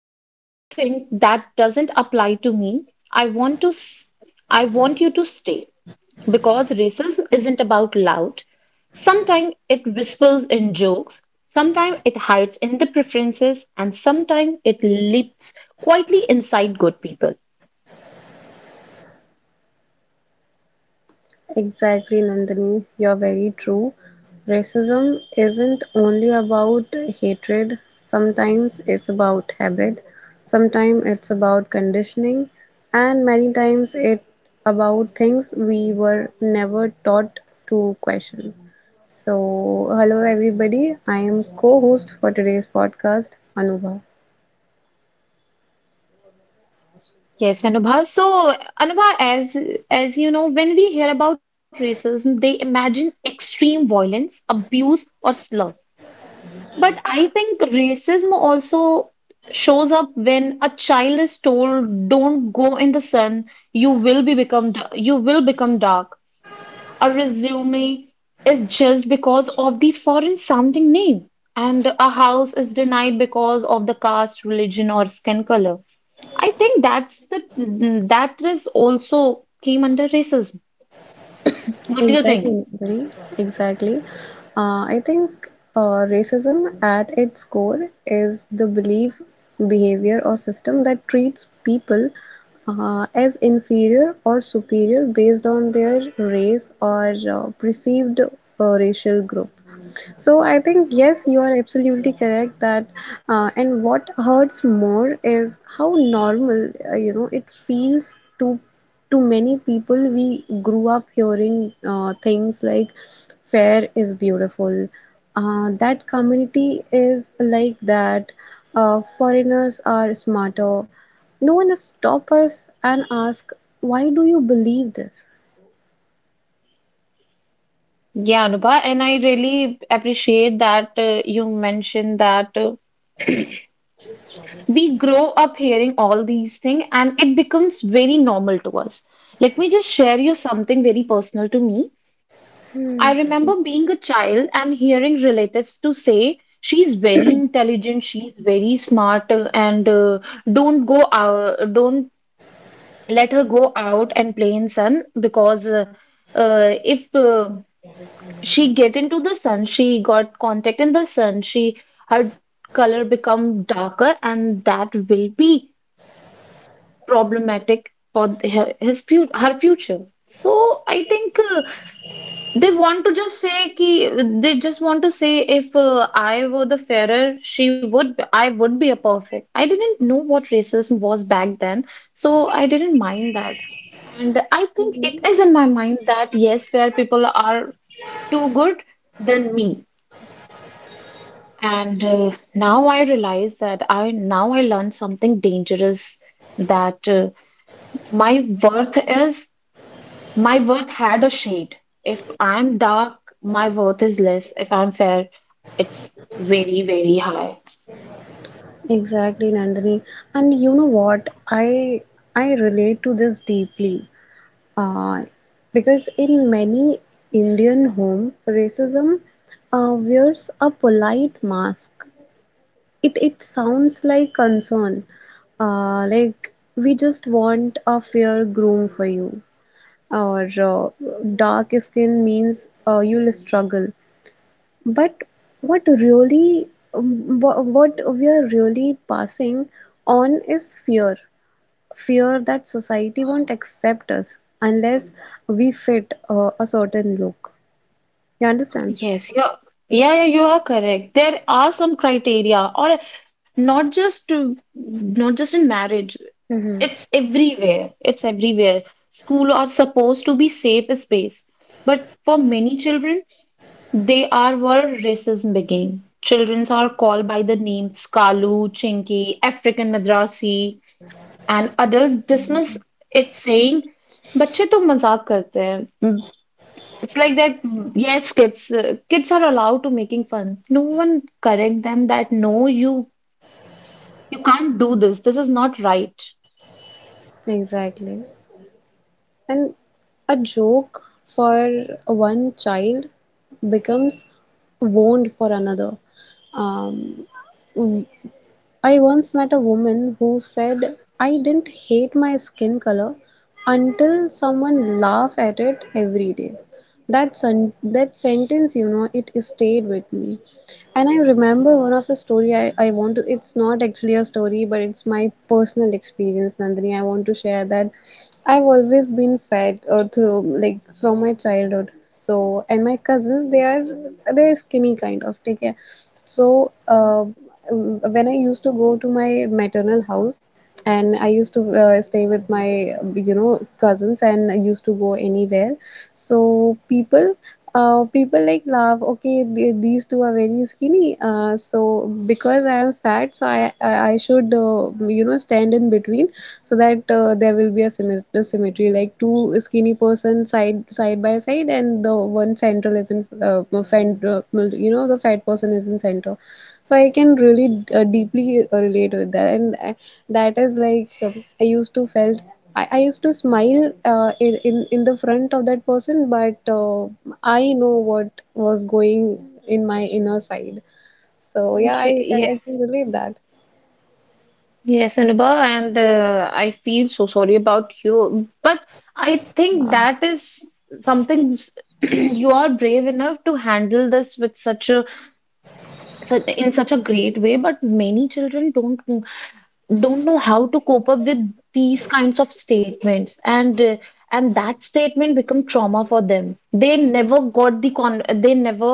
And before you think that doesn't apply to me, I want to s- I want you to stay because racism isn't about loud. Sometimes it whispers in jokes, sometimes it hides in the preferences, and sometimes it leaps quietly inside good people. Exactly, Nandini. You're very true. Racism isn't only about hatred, sometimes it's about habit, sometimes it's about conditioning, and many times it about things we were never taught to question. So, hello everybody. I am co-host for today's podcast, Anubha. Yes, Anubhav. So, Anubhav, as you know, when we hear about racism, they imagine extreme violence, abuse, or slur. But I think racism also shows up when a child is told, "Don't go in the sun. You will you will become dark." A resume is judged because of the foreign-sounding name, and a house is denied because of the caste, religion, or skin color. I think that is also came under racism. What do you think? Exactly, Nidhi, exactly. I think uh, racism at its core is the belief, behavior, or system that treats people as inferior or superior based on their race or perceived racial group. So I think yes, you are absolutely correct that, and what hurts more is how normal uh, it feels to many people. We grew up hearing things like "fair is beautiful," that community is like that, foreigners are smarter. No one stop us and ask, why do you believe this? Yeah, Anubha, and I really appreciate that you mentioned that we grow up hearing all these things and it becomes very normal to us. Let me just share you something very personal to me. I remember being a child and hearing relatives to say, she's very intelligent, she's very smart, and don't go out, don't let her go out and play in sun because if she got contact in the sun she her color become darker and that will be problematic for the, her, his fu- her future, so I think they want to just say ki, they just want to say if I were the fairer, I would be a perfect. I didn't know what racism was back then, so I didn't mind that. And I think it is in my mind that yes, fair people are too good than me. And now I learned something dangerous that my worth is. My worth had a shade. If I'm dark, my worth is less. If I'm fair, it's very, very high. Exactly, Nandini. And you know what? I relate to this deeply. Uh, because in many Indian home, racism wears a polite mask. It sounds like concern. Like we just want a fair groom for you. Or dark skin means you'll struggle. But what really, what we are really passing on is fear. Fear that society won't accept us unless we fit a certain look. You understand? Yes, yeah, you are correct. There are some criteria, or not just to- not just in marriage. Mm-hmm. It's everywhere. It's everywhere. School are supposed to be safe space, but for many children, they are where racism began. Children are called by the names Kalu, Chinki, African Madrasi, and adults dismiss it saying बच्चे तो मजाक करते हैं. Mm, it's like that, yes, kids, kids are allowed to making fun. No one correct them that no, you can't do this, this is not right. Exactly. And a joke for one child becomes wound for another. Um, I once met a woman who said, I didn't hate my skin color until someone laughed at it every day. That sentence, you know, it stayed with me. And I remember one of a story I want to, it's not actually a story, but it's my personal experience, Nandini. I want to share that I've always been fed through, like, from my childhood. So, and my cousins, they're skinny kind of, take care. So, when I used to go to my maternal house, and I used to stay with my uh, cousins and I used to go anywhere. So people like laugh okay these two are very skinny so because I am fat so I should uh, stand in between so that there will be a symmetry like two skinny persons side by side and the one central is in fat, you know the fat person is in center so I can really deeply relate with that and that is like I used to felt I used to smile in the front of that person but I know what was going in my inner side so yeah i Ye- i, I can yes, relate that. yes, Anubha, and I feel so sorry about you, but I think that is something s- you are brave enough to handle this with such in such a great way, but many children don't know how to cope up with these kinds of statements, and that statement become trauma for them. They never got they never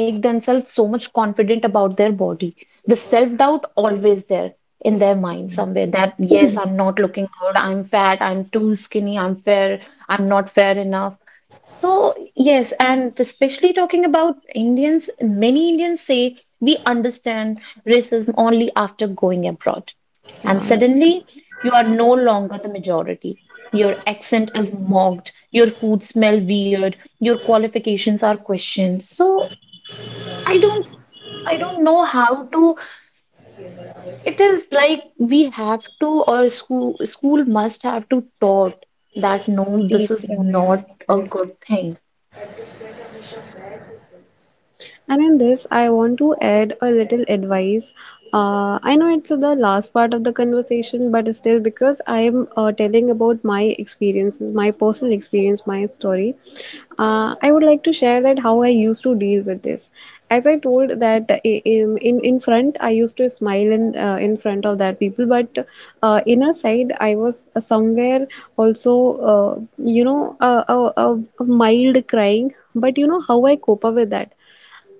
make themselves so much confident about their body. The self doubt always there in their mind somewhere, that yes, I'm not looking good, I'm fat, I'm too skinny, I'm fair, I'm not fair enough. So, yes, and especially talking about Indians, many Indians say we understand racism only after going abroad. And Yeah, that's suddenly, you are no longer the majority. Your accent is mocked, your food smell weird, your qualifications are questioned. So, I don't I don't know how to. It is like we have to, or school must have to taught that no, this deep. is Yeah, yeah, not a correct. good thing. And in this, I want to add a little advice. I know it's the last part of the conversation, but still, because I'm telling about my experiences, my personal experience, my story, I would like to share that how I used to deal with this. As I told that in front, I used to smile in, front of that people, but inner side, I was somewhere also, uh, you know, a, a, a mild crying. But you know how I cope up with that?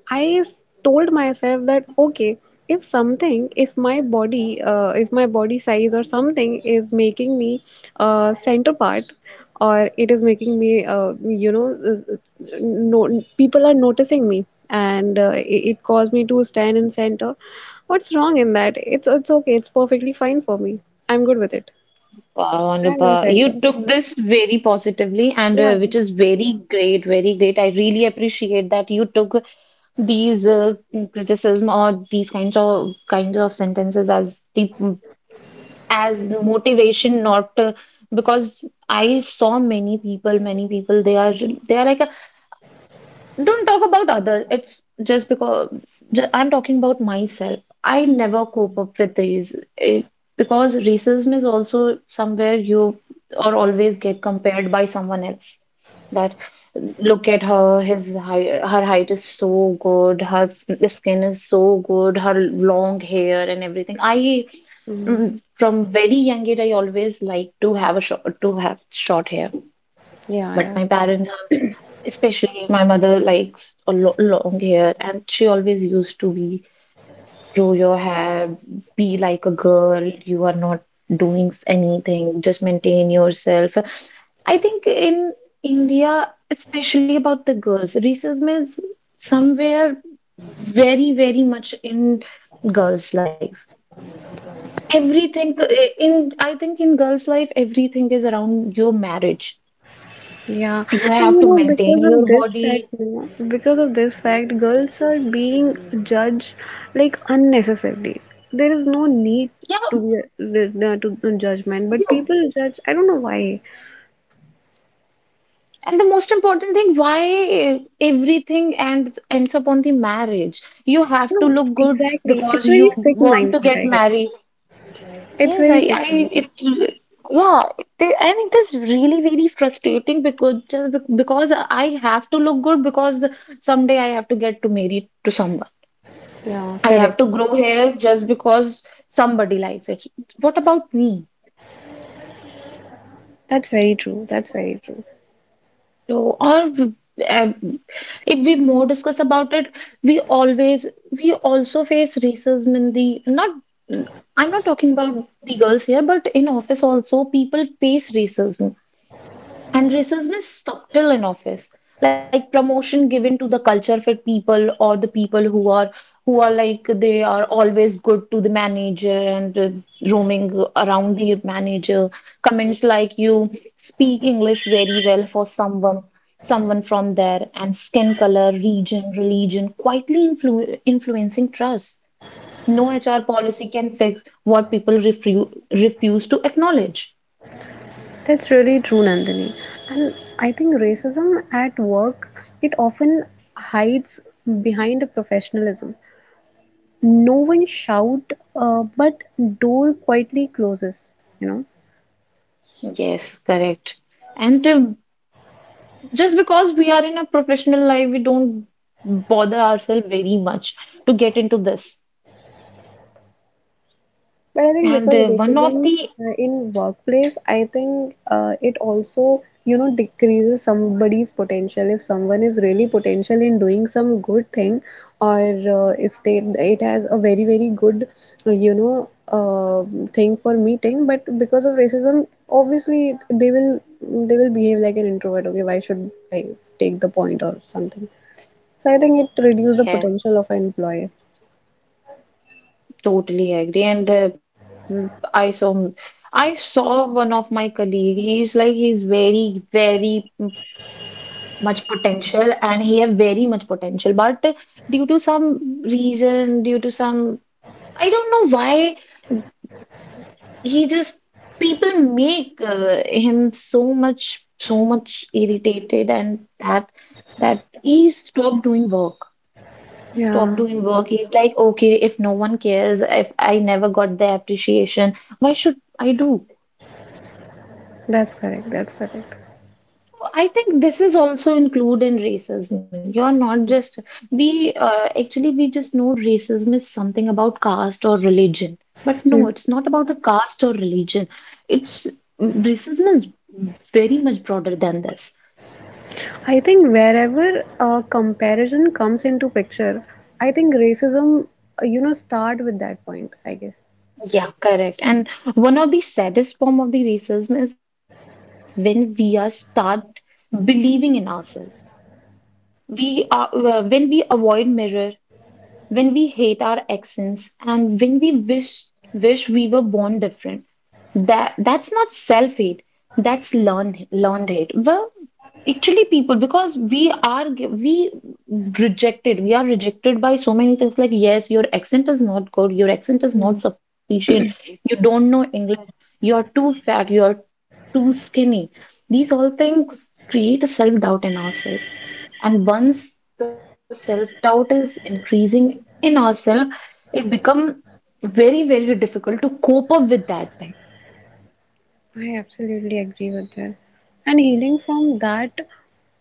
I told myself that okay, if something, if my body size or something is making me center part, or it is making me, no, people are noticing me, and it caused me to stand in center. What's wrong in that? It's okay. It's perfectly fine for me. I'm good with it. Wow, I'm in Anubhav, center. you took this very positively, and Yeah. Which is very great, very great. I really appreciate that you took these criticism or these kinds of sentences as the as motivation, not because I saw many people, many people. They are like don't talk about others. It's just because I'm talking about myself. I never cope up with these it, because racism is also somewhere you or always get compared by someone else. That look at her, her height is so good, skin is so good, her long hair and everything. Mm, From very young age I always like to have a short to have short hair, yeah. but my Yeah. parents, especially my mother likes a lo long hair, and she always used to be grow your hair, be like a girl, you are not doing anything, just maintain yourself. I think in India, especially about the girls, racism is somewhere very, very much in girls' life. Everything I think in girls' life, everything is around your marriage. Yeah, You and you have to know, because maintain of your this fact, body. Girls are being judged like unnecessarily. There is no need Yeah, to be to judgment, but you. people judge. I don't know why. And the most important thing, why everything ends up on the marriage? You have to No, look good exactly. because It's you very sick want to mindset, get I guess. married. It's Yes, very sick I, mindset. it, yeah, they, and it is really very frustrating because because I have to look good because someday I have to get to married to someone. Yeah, I have correct. to grow hairs just because somebody likes it. What about me? That's very true. That's very true. So, or um, if we more discuss about it, we always we also face racism in the not. I'm not talking about the girls here, but in office also people face racism, and racism is subtle in office, like promotion given to the culture fit people or the people who are like they are always good to the manager and roaming around the manager. Comments like you speak English very well for someone, someone from there, and skin color, region, religion quietly influencing trust. No HR policy can fix what people refuse to acknowledge. That's really true, Nandini. And I think racism at work, it often hides behind a professionalism. No one shout but door quietly closes, you know. Yes, correct. And just because we are in a professional life, we don't bother ourselves very much to get into this. But I think And because one of racism the in workplace, I think it also, you know, decreases somebody's potential. If someone is really potential in doing some good thing, or uh, is they, it has a very very good, uh, you know, uh, thing for meeting. But because of racism, obviously they will they will behave like an introvert. Okay, why should I take the point or something? So I think it reduces the yeah, potential of an employee. totally agree. And I saw I saw one of my colleague. He's very very much potential, and he have very much potential. But due to some, I don't know why, he just, people make him so much irritated, and that that he stopped doing work, Yeah, he's like okay, if no one cares, if I never got the appreciation, why should I do. that's correct. That's correct. I think this is also included in racism. You're not just, we actually we just know racism is something about caste or religion, but Hmm. no, it's not about the caste or religion. It's racism is very much broader than this. I think wherever a comparison comes into picture, I think racism, start with that point, I guess. Yeah, correct. And one of the saddest form of the racism is when we are start believing in ourselves. We are when we avoid mirror, when we hate our accents, and when we wish wish we were born different. That's not self hate, that's learned hate. Well actually people, because we are gi- we rejected, we are rejected by so many things, like yes, your accent is not good, your accent is Hmm. not sufficient, you don't know English, you're too fat, you're too skinny. These all things create a self doubt in ourselves, and once the self-doubt is increasing in ourselves, it become very, very difficult to cope up with that thing. I absolutely agree with that. And healing from that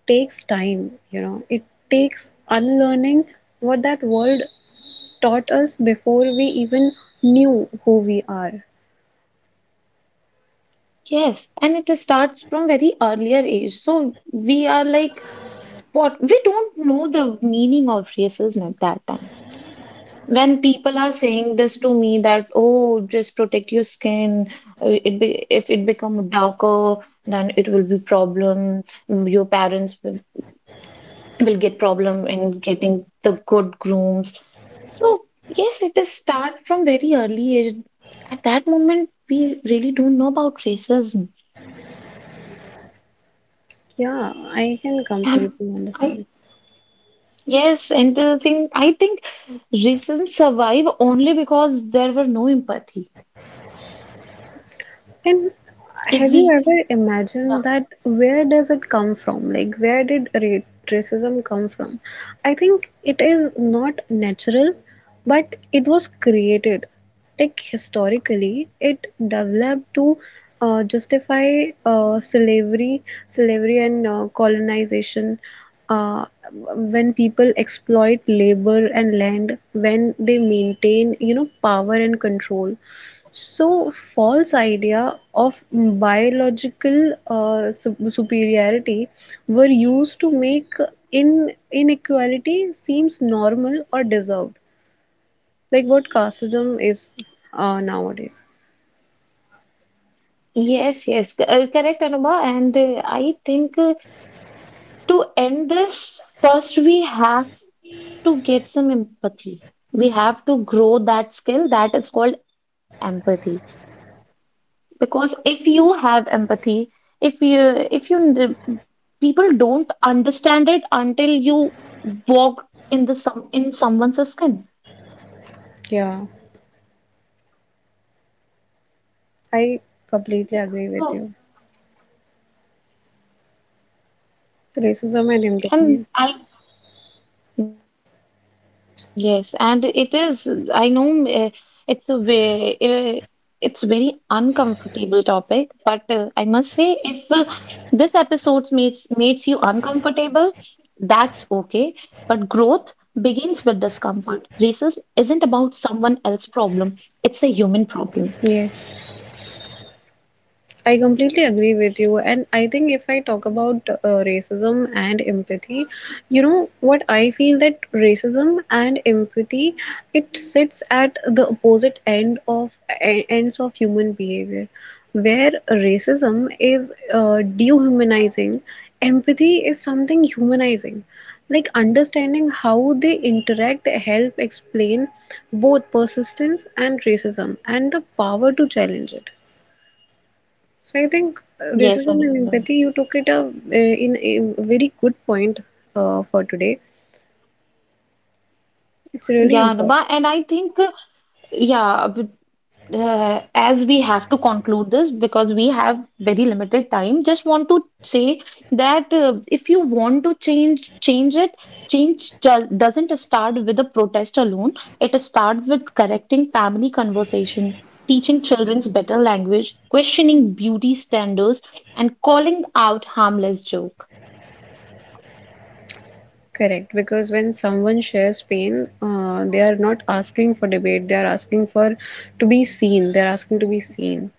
takes time, you know, it takes unlearning what that world taught us before we even knew who we are. Yes, and it starts from very earlier age. So we are like, what? We don't know the meaning of racism at that time. When people are saying this to me that, oh, just protect your skin. It be, if it become darker, then it will be problem. Your parents will get problem in getting the good grooms. So yes, it is start from very early age. At that moment, we really don't know about racism. Yeah, I can And completely I understand. yes, and the thing I think racism survive only because there were no empathy. And If have you we ever imagined uh, that where does it come from? Like, racism come from? I think it is not natural, but it was created. Like, historically, it developed to justify slavery and colonization. Uh, when people exploit labor and land, when they maintain, you know, power and control so, false idea of biological superiority were used to make in inequality seems normal or deserved, like what casteism is nowadays. yes, yes, correct, Anubha. And I think to end this, first we have to get some empathy. We have to grow that skill that is called empathy, because if you have empathy, if you if you n- people don't understand it until you walk in someone's skin. Yeah, I completely agree with So you. Racism and and empathy. I Yes, and it is. I know it's a way, it's very uncomfortable topic, but I must say, if this episode makes you uncomfortable, that's okay. But growth begins with discomfort. Racism isn't about someone else's problem; it's a human problem. Yes. I completely agree with you. And I think if I talk about racism and empathy, you know what I feel that racism and empathy, it sits at the opposite end of ends of human behavior. Where racism is dehumanizing, empathy is something humanizing. Like understanding how they interact help explain both persistence and racism and the power to challenge it, so I think racism Yes, and empathy, you Anurag. took it a, in a very good point for today. It's really Yeah, important. Anuba, and I think yeah, as we have to conclude this because we have very limited time, just want to say that if you want to change, change it. Change doesn't start with a protest alone. It starts with correcting family conversation, teaching children's better language, questioning beauty standards, and calling out harmless joke. Correct, because when someone shares pain, they are not asking for debate. They are asking for to be seen. They are asking to be seen,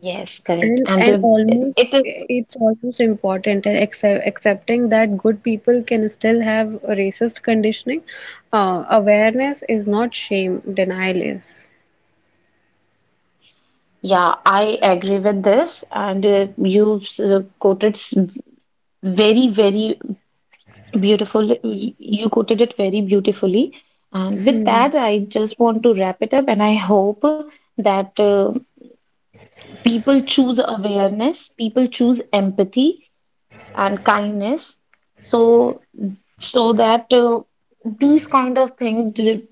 Yes, correct. And and almost it is, it's almost important and accepting that good people can still have a racist conditioning. Awareness is not shame. Denial is. yeah, I agree with this. And you very, very beautiful. You quoted it very beautifully. And with Mhm. that, I just want to wrap it up. And I hope that people choose awareness, people choose empathy and kindness. So, so that these kind of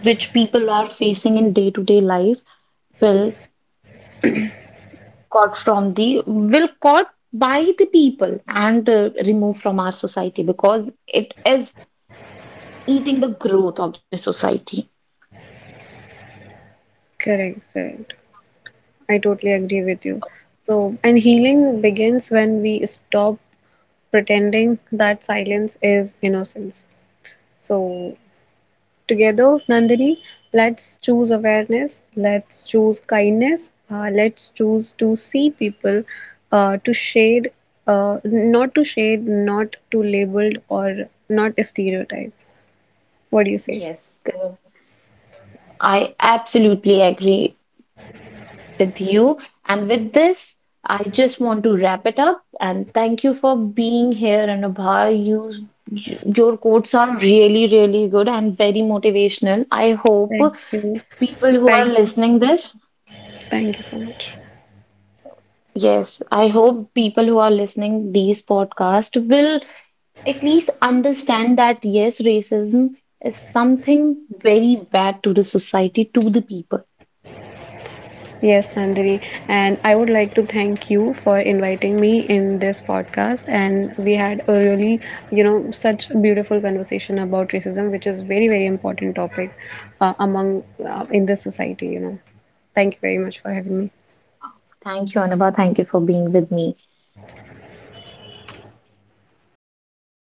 which people are facing in day-to-day life will caught by the people and removed from our society, because it is eating the growth of the society. Correct, correct. I totally agree with you. So, and healing begins when we stop pretending that silence is innocence. So, together, Nandini, let's choose awareness, let's choose kindness, let's choose to see people, uh, to shade, not to shade, not to labeled or not stereotype. What do you say? Yes, Gaurav, I absolutely agree with you. And with this, I just want to wrap it up and thank you for being here, Anubha. Your quotes are really, really good and very motivational. I hope Thank you. people who are Thank listening this, Thank you so much. yes, I hope people who are listening these podcasts will at least understand that yes, racism is something very bad to the society, to the people. Yes, Nandini, and I would like to thank you for inviting me in this podcast. And we had a really, you know, such beautiful conversation about racism, which is very, very important topic among in this society. You know, thank you very much for having me. Thank you, Anubha. Thank you for being with me.